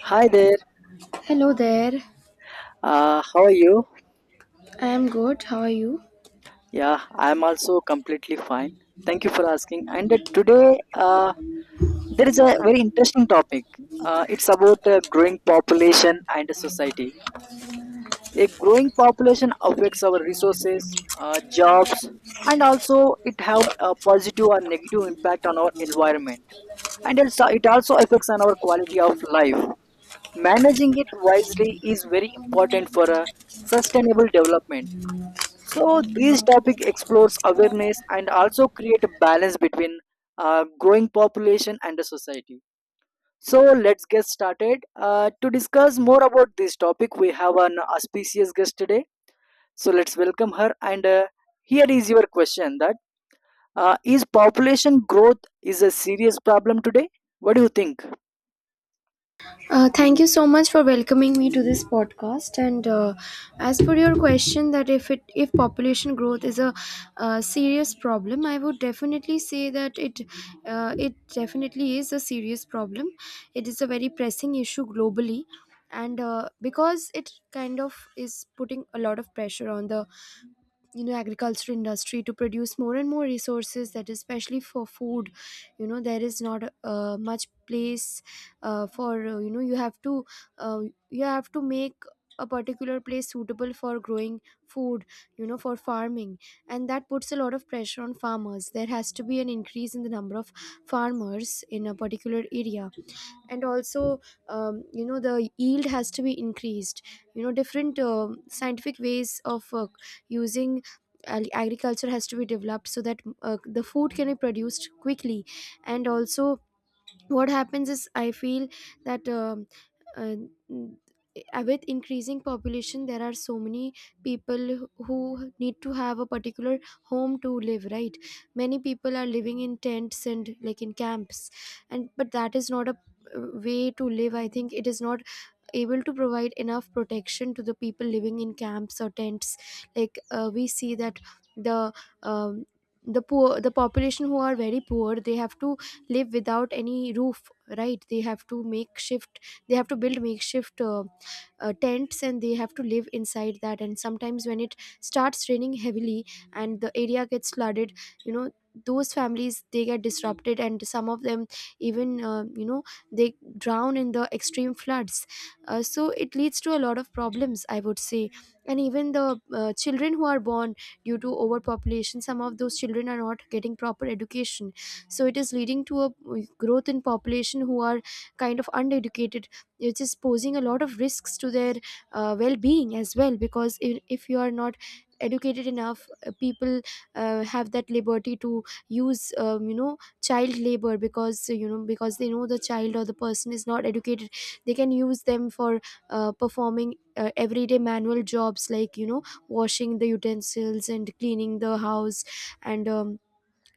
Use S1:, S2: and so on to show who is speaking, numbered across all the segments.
S1: Hi there.
S2: Hello there.
S1: How are you?
S2: I am good. How are you?
S1: Yeah, I'm also completely fine. Thank you for asking. And today, there is a very interesting topic. It's about growing population and society. A growing population affects our resources, jobs, and also it have a positive or negative impact on our environment. And also, it also affects on our quality of life. Managing it wisely is very important for a sustainable development. So this topic explores awareness and also create a balance between growing population and the society. So let's get started. To discuss more about this topic, we have an auspicious guest today. So let's welcome her. And here is your question: that is population growth is a serious problem today? What do you think?
S2: Thank you so much for welcoming me to this podcast. And as per your question, that if population growth is a serious problem, I would definitely say that it definitely is a serious problem. It is a very pressing issue globally, and because it kind of is putting a lot of pressure on the agriculture industry to produce more and more resources, that especially for food. There is not much place for, uh, you have to make a particular place suitable for growing food, for farming. And that puts a lot of pressure on farmers. There has to be an increase in the number of farmers in a particular area, and also, the yield has to be increased. Different scientific ways of using agriculture has to be developed so that the food can be produced quickly. And also, what happens is, I feel that, uh, n- with increasing population there are so many people who need to have a particular home to live, right? Many people are living in tents and like in camps, and but that is not a way to live. I think it is not able to provide enough protection to the people living in camps or tents. Like, we see that the um, the poor, the population who are very poor, they have to live without any roof, right? They have to build makeshift tents, and they have to live inside that, and sometimes when it starts raining heavily and the area gets flooded, you know those families, they get disrupted, and some of them even, they drown in the extreme floods. So it leads to a lot of problems, I would say. And even the children who are born due to overpopulation, some of those children are not getting proper education, so it is leading to a growth in population who are kind of uneducated, which is posing a lot of risks to their well-being as well, because if you are not educated enough, people have that liberty to use child labor, because because they know the child or the person is not educated, they can use them for performing everyday manual jobs, like, washing the utensils and cleaning the house, and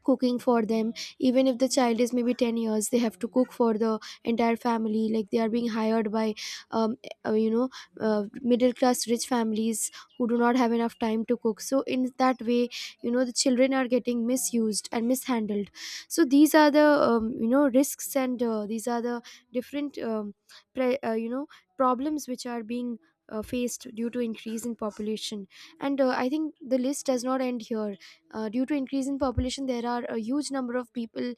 S2: cooking for them. Even if the child is maybe 10 years, they have to cook for the entire family, like they are being hired by um, uh, you know middle class rich families who do not have enough time to cook, so in that way, the children are getting misused and mishandled. So these are the risks, and these are the different pre- uh, you know problems which are being faced due to increase in population. And I think the list does not end here. Due to increase in population there are a huge number of people,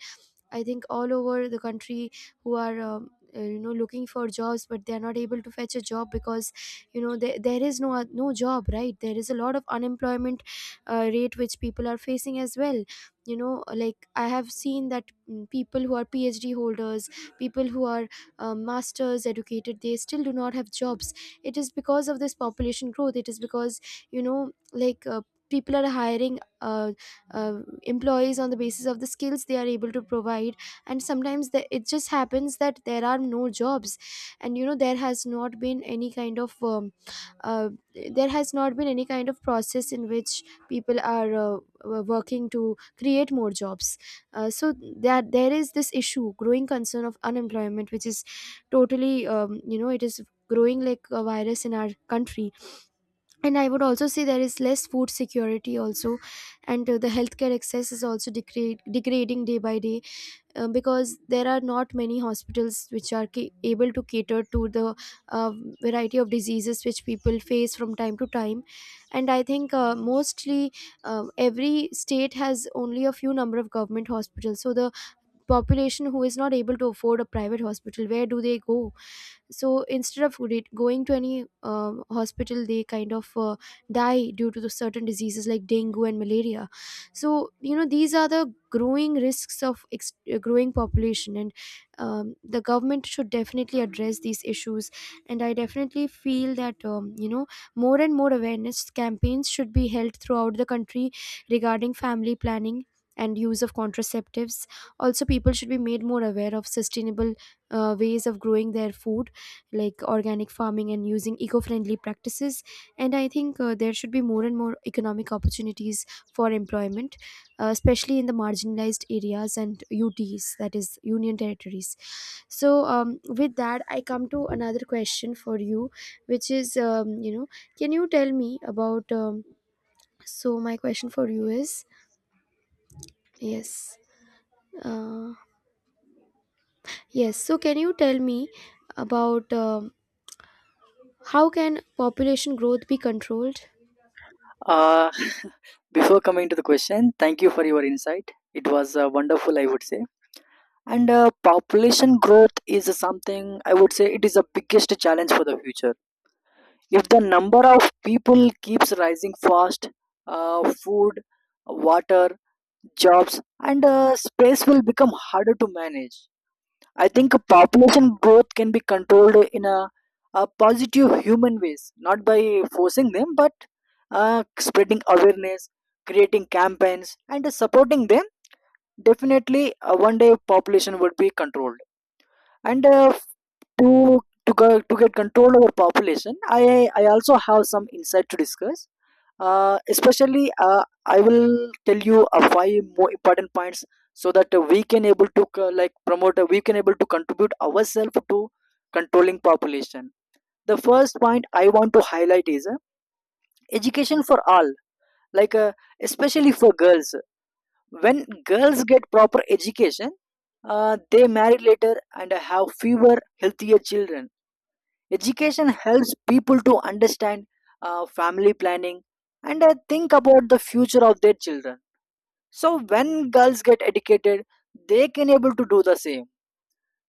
S2: I think all over the country, who are looking for jobs but they are not able to fetch a job, because, there is no job, right? There is a lot of unemployment rate which people are facing as well. Like, I have seen that, people who are PhD holders, people who are masters educated, they still do not have jobs. It is because of this population growth. It is because, like, people are hiring employees on the basis of the skills they are able to provide. And sometimes it just happens that there are no jobs, and uh, there has not been any kind of process in which people are working to create more jobs, so that there is this issue, growing concern of unemployment, which is totally, it is growing like a virus in our country. And I would also say there is less food security also, and the healthcare access is also degrading day by day, because there are not many hospitals which are able to cater to the uh, variety of diseases which people face from time to time. And I think, mostly every state has only a few number of government hospitals, so the population who is not able to afford a private hospital, where do they go? So instead of going to any hospital, they kind of die due to the certain diseases like dengue and malaria. So, these are the growing risks of growing population, and the government should definitely address these issues. And I definitely feel that, more and more awareness campaigns should be held throughout the country regarding family planning and use of contraceptives. Also, people should be made more aware of sustainable ways of growing their food, like organic farming and using eco-friendly practices. And I think, there should be more and more economic opportunities for employment, especially in the marginalized areas and UTs, that is, union territories. So, with that I come to another question for you, which is, can you tell me about, so my question for you is, yes, uh, yes, so can you tell me about, how can population growth be controlled?
S1: Uh, Before coming to the question, thank you for your insight. It was wonderful, I would say. And population growth is something I would say it is the biggest challenge for the future. If the number of people keeps rising fast, food, water, jobs, and space will become harder to manage. I think population growth can be controlled in a positive human ways, not by forcing them, but spreading awareness, creating campaigns, and supporting them. Definitely, one day population would be controlled. And to to get control over population, I also have some insight to discuss. Especially, I will tell you five more important points, so that, we can able to contribute ourselves to controlling population. The first point I want to highlight is education for all, like, especially for girls. When girls get proper education, they marry later and have fewer, healthier children. Education helps people to understand family planning and think about the future of their children. So when girls get educated, they can able to do the same.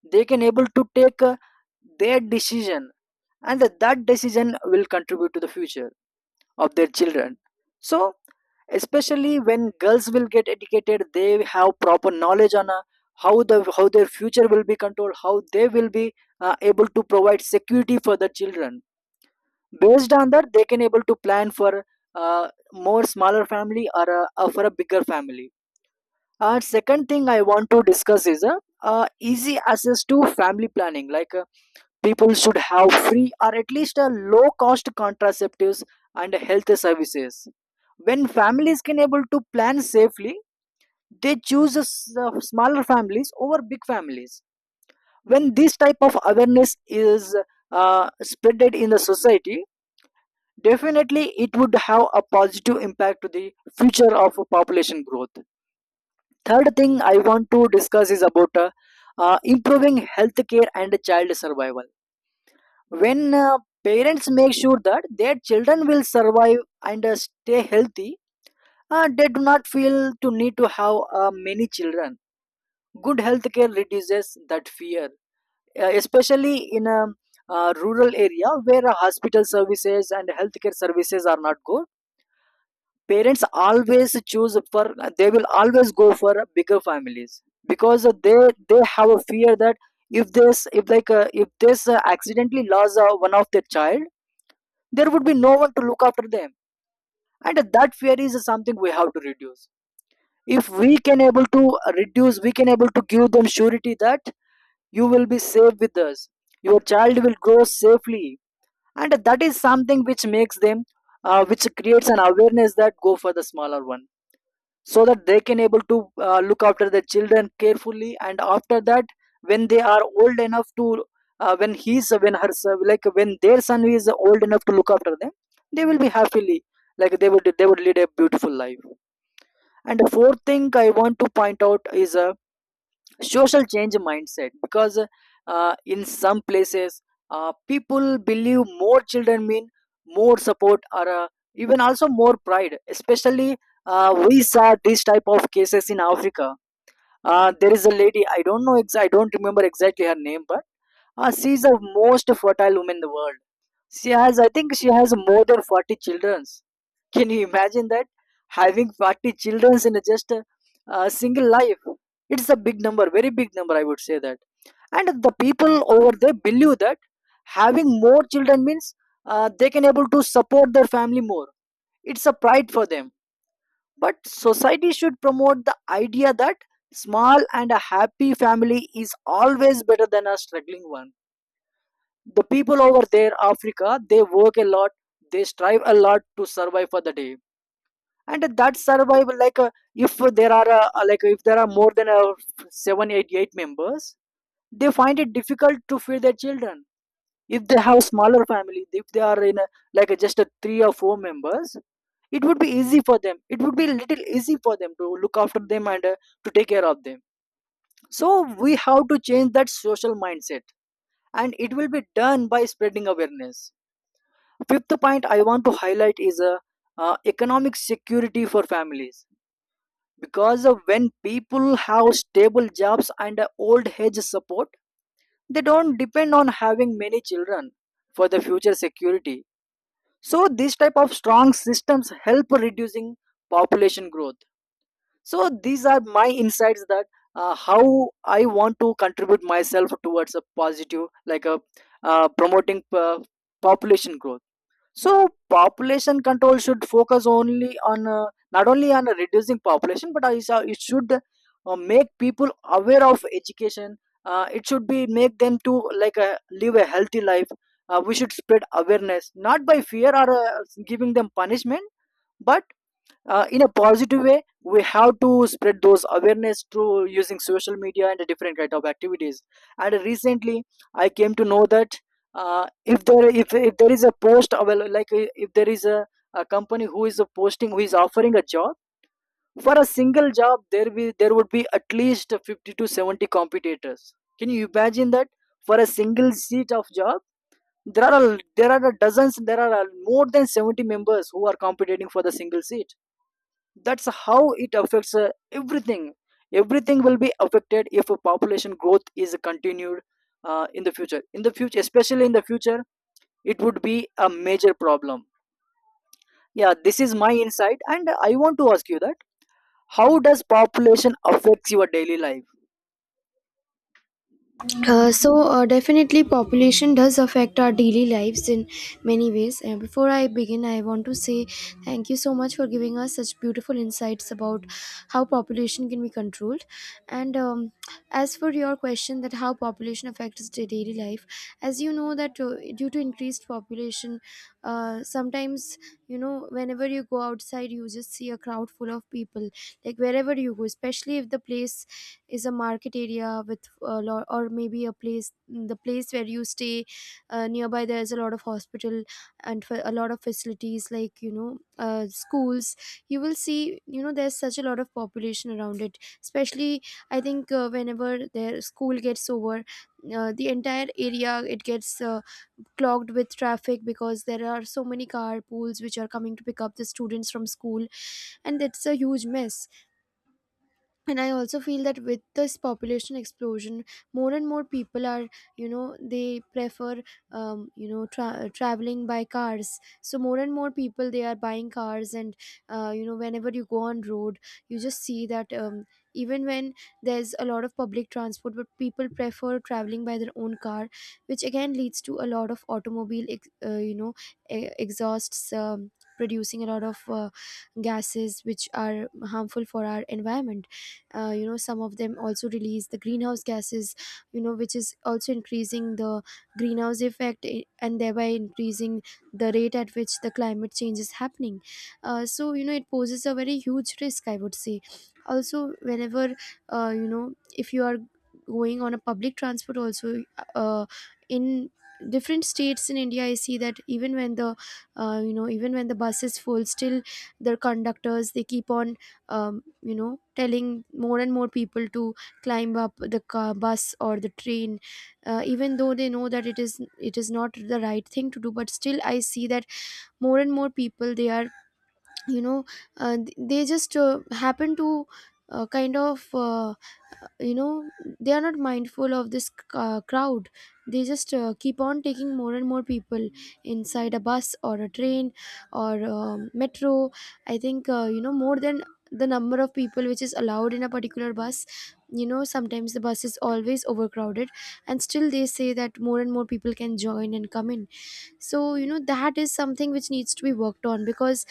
S1: They can able to take their decision, and that decision will contribute to the future of their children. So especially when girls will get educated, they have proper knowledge on how their future will be controlled, how they will be able to provide security for the children. Based on that, they can able to plan for more smaller family, or for a bigger family. Second thing I want to discuss is easy access to family planning. Like, people should have free or at least low cost contraceptives and health services. When families can able to plan safely, they choose smaller families over big families. When this type of awareness is spreaded in the society, definitely it would have a positive impact to the future of population growth. Third thing I want to discuss is about improving healthcare and child survival. When parents make sure that their children will survive and stay healthy, they do not feel to need to have many children. Good healthcare reduces that fear, especially in a rural area where hospital services and healthcare services are not good. Parents always choose for, they will always go for bigger families, because they have a fear that if this accidentally lost one of their child, there would be no one to look after them, and that fear is something we have to reduce. If we can able to reduce, we can able to give them surety that you will be safe with us. Your child will grow safely, and that is something which makes them, which creates an awareness, that go for the smaller one so that they can able to look after their children carefully. And after that, when they are old enough to, when he's when her like when their son is old enough to look after them, they will be happily, like, they would lead a beautiful life. And the fourth thing I want to point out is social change mindset, because in some places, people believe more children mean more support, or even also more pride. Especially, we saw this type of cases in Africa. There is a lady, I don't know, I don't remember exactly her name, but she is the most fertile woman in the world. She has, I think she has more than 40 children. Can you imagine that? Having 40 children in just a single life. It's a big number, very big number, I would say that. And the people over there believe that having more children means they can able to support their family more. It's a pride for them. But society should promote the idea that small and a happy family is always better than a struggling one. The people over there, Africa, they work a lot, they strive a lot to survive for the day. And that survival, like, if there are more than seven eight members, they find it difficult to feed their children. If they have smaller family, if they are in a, like a, just a three or four members, it would be easy for them. It would be a little easy for them to look after them and to take care of them. So we have to change that social mindset, and it will be done by spreading awareness. Fifth point I want to highlight is economic security for families, because of when people have stable jobs and a old age support, they don't depend on having many children for the future security. So these type of strong systems help reducing population growth. So these are my insights, that how I want to contribute myself towards a positive, like a, promoting, population growth. So population control should focus only on, not only on reducing population, but also it should make people aware of education. It should be make them to, like, live a healthy life. We should spread awareness, not by fear or giving them punishment, but in a positive way we have to spread those awareness through using social media and different kind of activities. And recently I came to know that, if there is a post like, if there is a company who is posting, who is offering a job, for a single job there would be at least 50 to 70 competitors. Can you imagine that? For a single seat of job, there are a dozens, more than 70 members who are competing for the single seat. That's how it affects everything. Everything will be affected if a population growth is continued. In the future, especially in the future, it would be a major problem. Yeah, this is my insight, and I want to ask you that, how does population affects your daily life?
S2: Definitely population does affect our daily lives in many ways, and before I begin I want to say thank you so much for giving us such beautiful insights about how population can be controlled. And as for your question, that how population affects the daily life, as you know that, due to increased population, sometimes, whenever you go outside, you just see a crowd full of people. Like wherever you go, especially if the place is a market area with a lot, or maybe a place the place where you stay, nearby there's a lot of hospital, and for a lot of facilities, like, schools. You will see, there's such a lot of population around it, especially, I think, whenever their school gets over, the entire area, it gets clogged with traffic because there are so many car pools which are coming to pick up the students from school, and it's a huge mess. And I also feel that with this population explosion, more and more people are, they prefer, traveling by cars. So more and more people, they are buying cars, and, whenever you go on road, you just see that, even when there's a lot of public transport, but people prefer traveling by their own car, which again leads to a lot of automobile exhausts, producing a lot of gases which are harmful for our environment. Some of them also release the greenhouse gases, which is also increasing the greenhouse effect, and thereby increasing the rate at which the climate change is happening. So, it poses a very huge risk, I would say. Also, whenever, if you are going on a public transport also, uh, in different states in India, I see that, even when the bus is full, still the conductors, they keep on, telling more and more people to climb up the car, bus or the train, Even though they know that it is not the right thing to do, but still I see that more and more people, they are, you know they just happen to, uh, kind of uh, uh, you know they are not mindful of this crowd. They just keep on taking more and more people inside a bus or a train or metro. I think, more than the number of people which is allowed in a particular bus, sometimes the bus is always overcrowded, and still they say that more and more people can join and come in. So, that is something which needs to be worked on, because,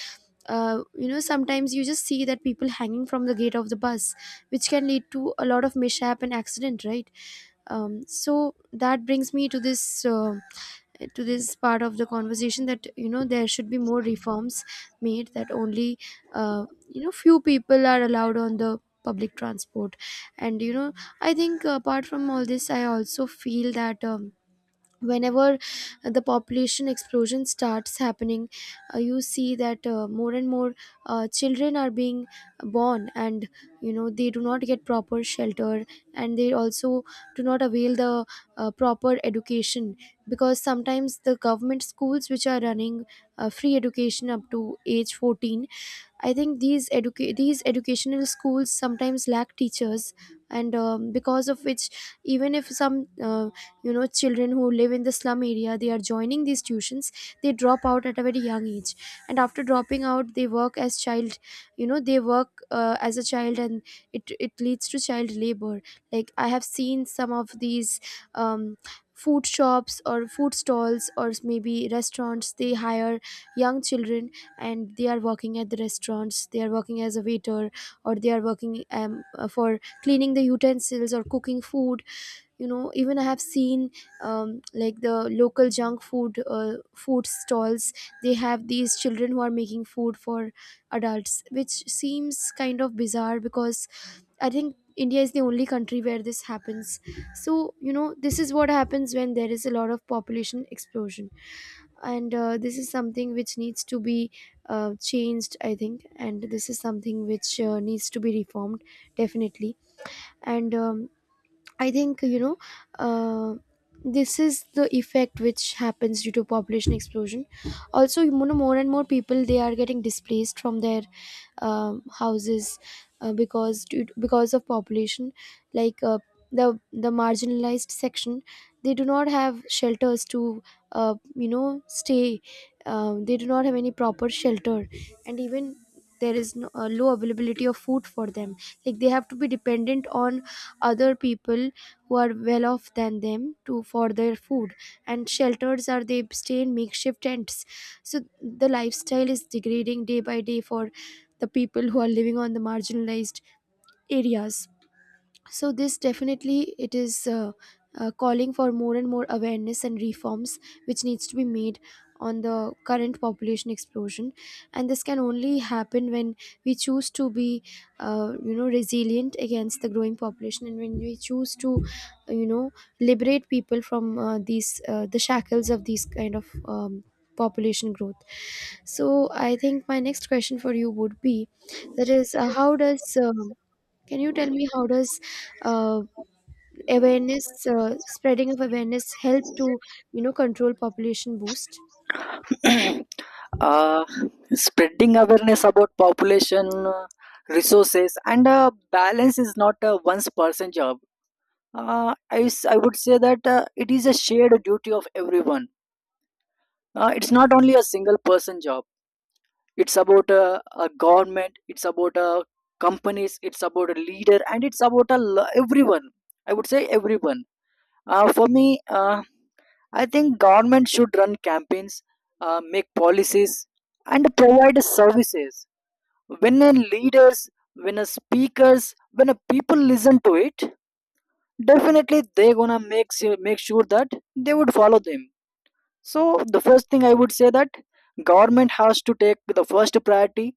S2: sometimes you just see that people hanging from the gate of the bus, which can lead to a lot of mishap and accident, right? So that brings me to this part of the conversation, that, there should be more Reforms made that only you know few people are allowed on the public transport. And you know I think apart from all this I also feel that whenever the population explosion starts happening, you see that more and more children are being born, and you know they do not get proper shelter, and they also do not avail the proper education, because sometimes the government schools which are running free education up to age 14, I think these educational schools sometimes lack teachers, and because of which, even if some you know children who live in the slum area they are joining these tuitions, they drop out at a very young age, and after dropping out, they work as child, you know they work as a child, and it leads to child labor. Like I have seen some of these. Um, Food shops or food stalls or maybe restaurants they hire young children, and they are working at the restaurants, they are working as a waiter, or they are working for cleaning the utensils or cooking food. You know even I have seen, like the local junk food food stalls, they have these children who are making food for adults, which seems kind of bizarre, because I think India is the only country where this happens. So, you know, this is what happens when there is a lot of population explosion. And this is something which needs to be changed, I think. And this is something which needs to be reformed, definitely. And I think you know uh, this is the effect which happens due to population explosion. Also, you know, more and more people they are getting displaced from their houses, because of population. Like the marginalized section, they do not have shelters to you know stay. They do not have any proper shelter, and even there is no, low availability of food for them. Like they have to be dependent on other people who are well off than them to for their food, and shelters are they stay in makeshift tents. So the lifestyle is degrading day by day for the people who are living on the marginalized areas. So this definitely it is calling for more and more awareness and reforms which needs to be made on the current population explosion. And this can only happen when we choose to be you know resilient against the growing population, and when we choose to you know liberate people from these the shackles of these kind of population growth. So I think my next question for you would be that is, how does can you tell me how does uh, awareness spreading of awareness help to you know control population boost?
S1: uh, Spreading awareness about population, uh, resources, and balance is not a one person job. I would say that it is a shared duty of everyone. It's not only a single person job. It's about a government, it's about a companies, it's about a leader, and it's about everyone. I would say everyone. For me, I think government should run campaigns, make policies, and provide services. When a leaders, when a speakers, when a people listen to it, definitely they gonna make sure that they would follow them. So the first thing I would say that government has to take the first priority,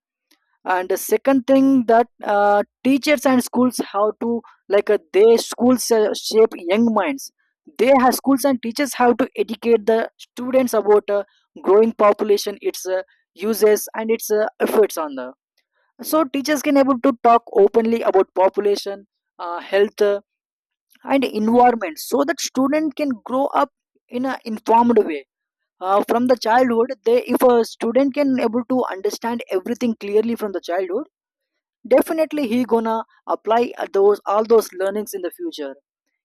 S1: and the second thing that teachers and schools how to, like, they schools, shape young minds. They have schools and teachers have to educate the students about growing population, its uses and its efforts on the. So teachers can able to talk openly about population, health, and environment, so that student can grow up in an informed way. From the childhood, they if a student can able to understand everything clearly from the childhood, definitely he gonna apply those all those learnings in the future.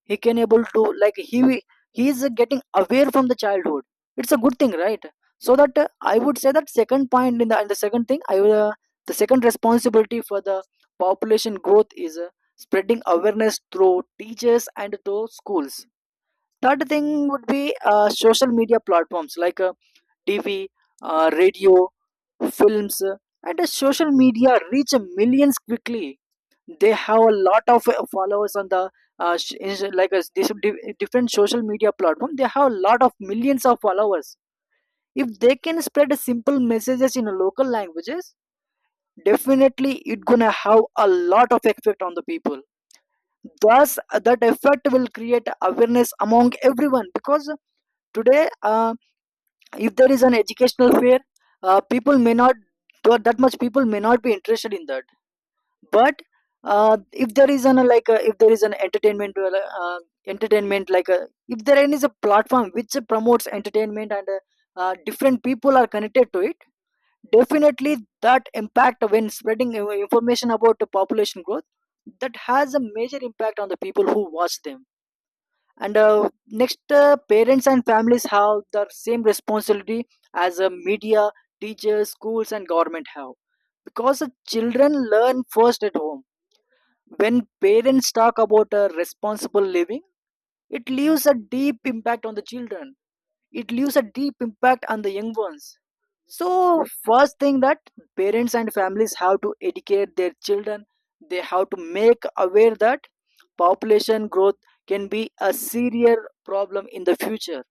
S1: He can able to, like, he is getting aware from the childhood. It's a good thing, right? So that, I would say that second point in the, and the second thing I will, the second responsibility for the population growth is spreading awareness through teachers and through schools. Third thing would be social media platforms like, TV, radio, films, and social media reach millions quickly. They have a lot of followers on the different social media platform. They have a lot of millions of followers. If they can spread simple messages in local languages, definitely it gonna have a lot of effect on the people. Thus, that effect will create awareness among everyone. Because today, if there is an educational fair, people may not that much people may not be interested in that. But if there is an like if there is an entertainment uh, uh, entertainment like uh, if there is a platform which promotes entertainment, and different people are connected to it, definitely that impact when spreading information about the population growth, that has a major impact on the people who watch them. And next, parents and families have the same responsibility as media, teachers, schools and government have, because the children learn first at home. When parents talk about responsible living, it leaves a deep impact on the children, it leaves a deep impact on the young ones. So, first thing, that parents and families have to educate their children, they have to make aware that population growth can be a serious problem in the future.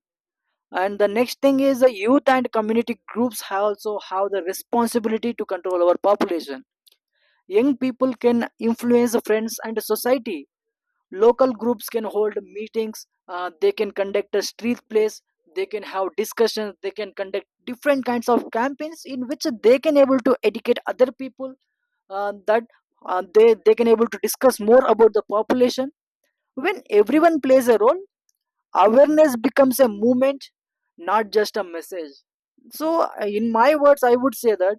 S1: And the next thing is the youth and community groups have also have the responsibility to control our population. Young people can influence friends and society. Local groups can hold meetings, they can conduct a street plays, they can have discussions, they can conduct different kinds of campaigns in which they can able to educate other people, that they can able to discuss more about the population. When everyone plays a role, awareness becomes a movement, not just a message. So in my words, I would say that,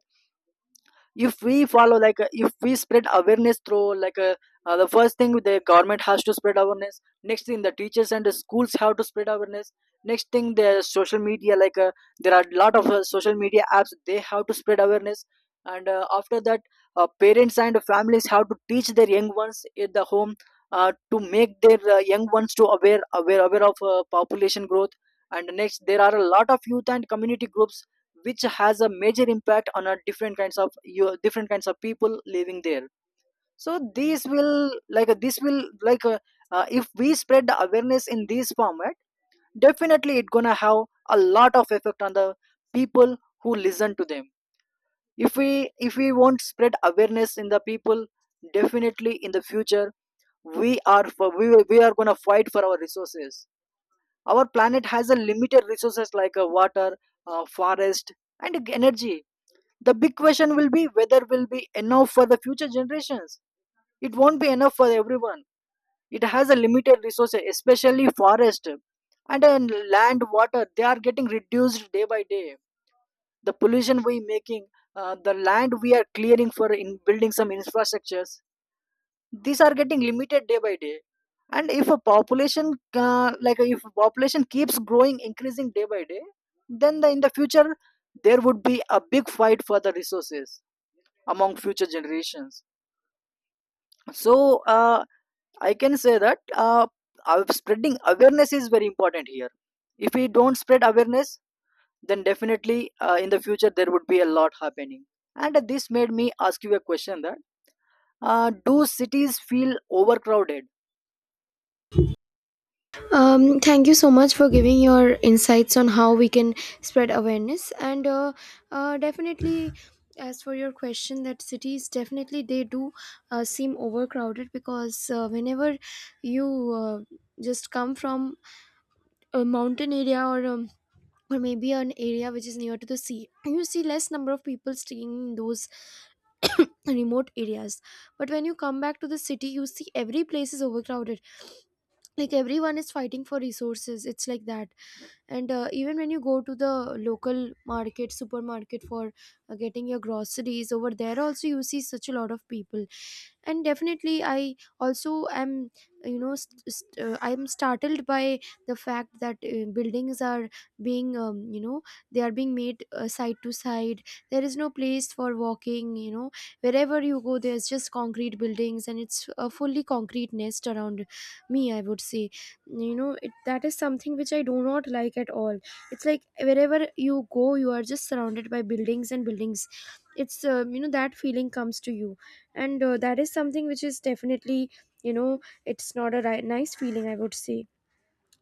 S1: if we spread awareness through the first thing, the government has to spread awareness. Next thing, the teachers and the schools have to spread awareness. Next thing, the social media, there are a lot of social media apps, they have to spread awareness. And after that, parents and families have to teach their young ones in the home, to make their young ones to aware aware aware of population growth. And next, there are a lot of youth and community groups which has a major impact on a different kinds of you different kinds of people living there. So these will like this will like if we spread the awareness in this format, definitely it's gonna have a lot of effect on the people who listen to them. If we, if we won't spread awareness in the people, definitely in the future we are we are gonna fight for our resources. Our planet has a limited resources, like water, forest and energy. The big question will be whether will be enough for the future generations. It won't be enough for everyone. It has a limited resources, especially forest and land, water. They are getting reduced day by day. The pollution we making, the land we are clearing for in building some infrastructures. These are getting limited day by day. And if a population if a population keeps growing, increasing day by day, then in the future there would be a big fight for the resources among future generations. So uh, I can say that uh, spreading awareness is very important here. If we don't spread awareness, then definitely in the future there would be a lot happening. And this made me ask you a question, that do cities feel overcrowded?
S2: Thank you so much for giving your insights on how we can spread awareness. And definitely, as for your question, that cities definitely they do seem overcrowded, because whenever you just come from a mountain area, or maybe an area which is near to the sea, you see less number of people staying in those remote areas. But when you come back to the city, you see every place is overcrowded. Like everyone is fighting for resources. It's like that. And even when you go to the local market supermarket for getting your groceries, over there also you see such a lot of people. And definitely I also am you know I'm startled by the fact that buildings are being you know they are being made side to side, there is no place for walking, you know wherever you go there's just concrete buildings, and it's a fully concrete nest around me, I would say. You know it, that is something which I do not like at all. It's like wherever you go you are just surrounded by buildings and buildings. It's you know that feeling comes to you. And that is something which is definitely you know it's not a nice feeling, I would say.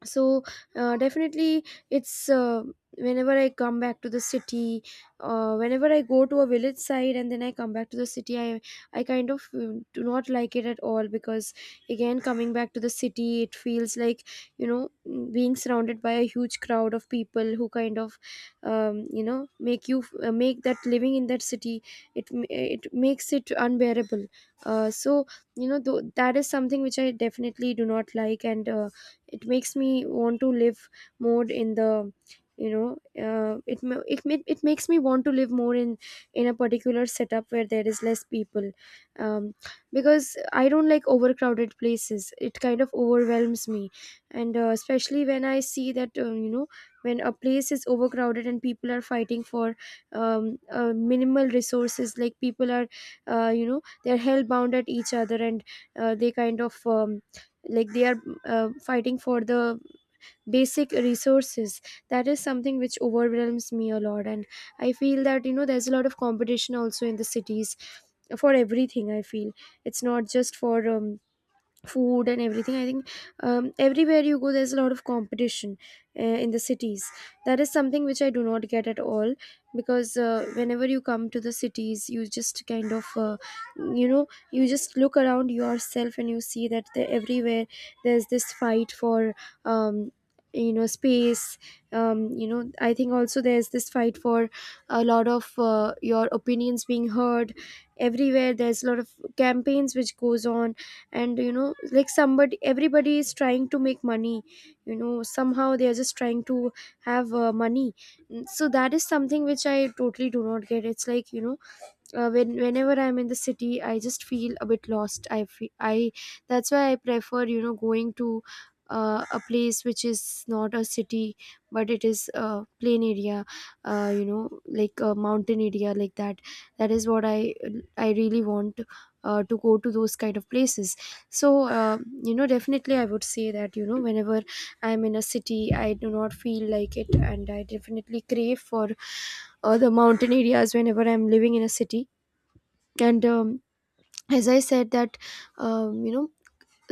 S2: So definitely it's whenever I come back to the city, whenever I go to a village side and then I come back to the city, I kind of do not like it at all, because again coming back to the city it feels like you know mm, being surrounded by a huge crowd of people who kind of you know make you make that living in that city, it makes it unbearable. So you know that is something which I definitely do not like. And it makes me want to live more in the you know it makes me want to live more in a particular setup where there is less people. um, because I don't like overcrowded places, it kind of overwhelms me. And especially when I see that you know when a place is overcrowded and people are fighting for minimal resources, like people are you know they're hell bound at each other, and they kind of like they are fighting for the basic resources, that is something which overwhelms me a lot. And I feel that you know there's a lot of competition also in the cities for everything, I feel. It's not just for food and everything, I think. Everywhere you go there's a lot of competition in the cities. That is something which I do not get at all, because whenever you come to the cities you just kind of you know you just look around yourself and you see that the, everywhere there's this fight for um, you know space. You know I think also there's this fight for a lot of your opinions being heard. Everywhere there's a lot of campaigns which goes on. And you know like somebody everybody is trying to make money. You know somehow they are just trying to have money. Mm, so that is something which I totally do not get. It's like you know whenever I'm in the city I just feel a bit lost. I feel I That's why I prefer you know going to a place which is not a city but it is a plain area, you know like a mountain area like that. That is what I really want to go to those kind of places. So you know definitely I would say that you know whenever I'm in a city I do not feel like it, and I definitely crave for the mountain areas whenever I'm living in a city. And as I said that you know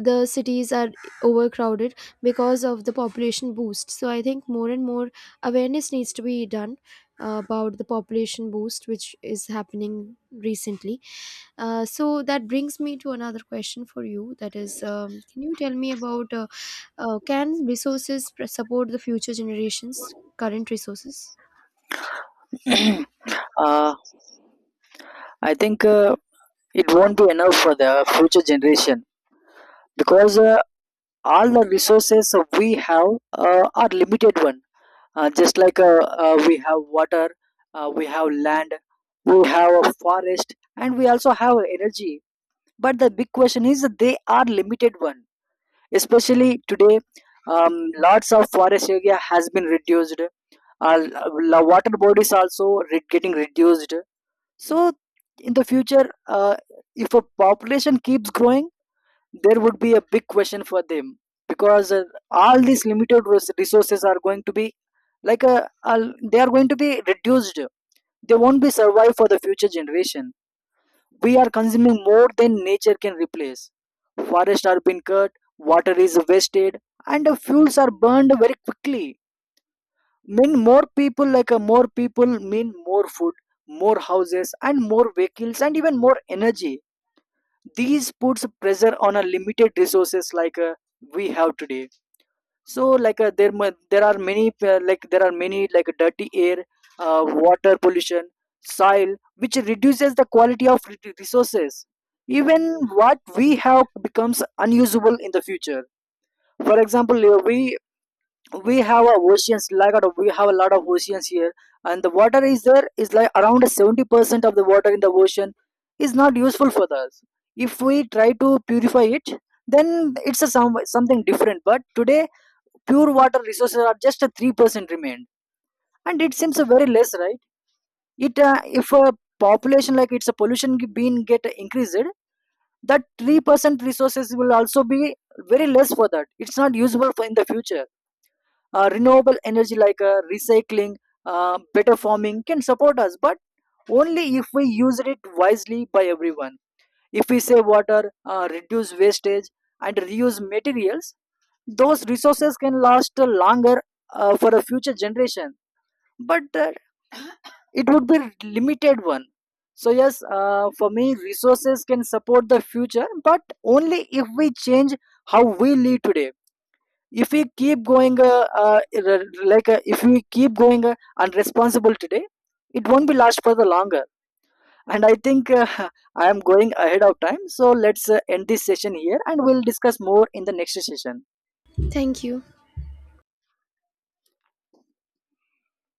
S2: the cities are overcrowded because of the population boost, so I think more and more awareness needs to be done about the population boost which is happening recently. So that brings me to another question for you, that is can you tell me about can resources support the future generations current resources.
S1: uh, I think it won't be enough for the future generation, because all the resources we have are limited one. Just like We have water, we have land, we have a forest and we also have energy. But the big question is that they are limited one. Especially today, um, lots of forest area has been reduced. uh, Water bodies also getting reduced. So in the future, if a population keeps growing, there would be a big question for them. Because all these limited resources are going to be they are going to be reduced. They won't be survive for the future generation. We are consuming more than nature can replace. Forests are being cut, water is wasted, and the fuels are burned very quickly. Mean more people, like a more people mean more food, more houses and more vehicles and even more energy. These puts pressure on a limited resources like we have today. So there are many there are many like dirty air, water pollution, soil, which reduces the quality of resources. Even what we have becomes unusable in the future. For example, we have a oceans, like out we have a lot of oceans here. And the water is there is like around 70% of the water in the ocean is not useful for us. If we try to purify it, then it's a some, something different. But today pure water resources are just a 3% remained. And it seems a very less, right? it If a population like it's a being get increased, that 3% resources will also be very less for that, it's not usable for in the future. Renewable energy, like recycling, better farming can support us, but only if we use it wisely by everyone. If we save water, reduce wastage, and reuse materials, those resources can last longer for a future generation. But it would be limited one. So yes, for me, resources can support the future, but only if we change how we live today. If we keep going if we keep going unresponsible today, it won't be last for the longer. And I think I am going ahead of time, so let's end this session here and we'll discuss more in the next session.
S2: Thank you.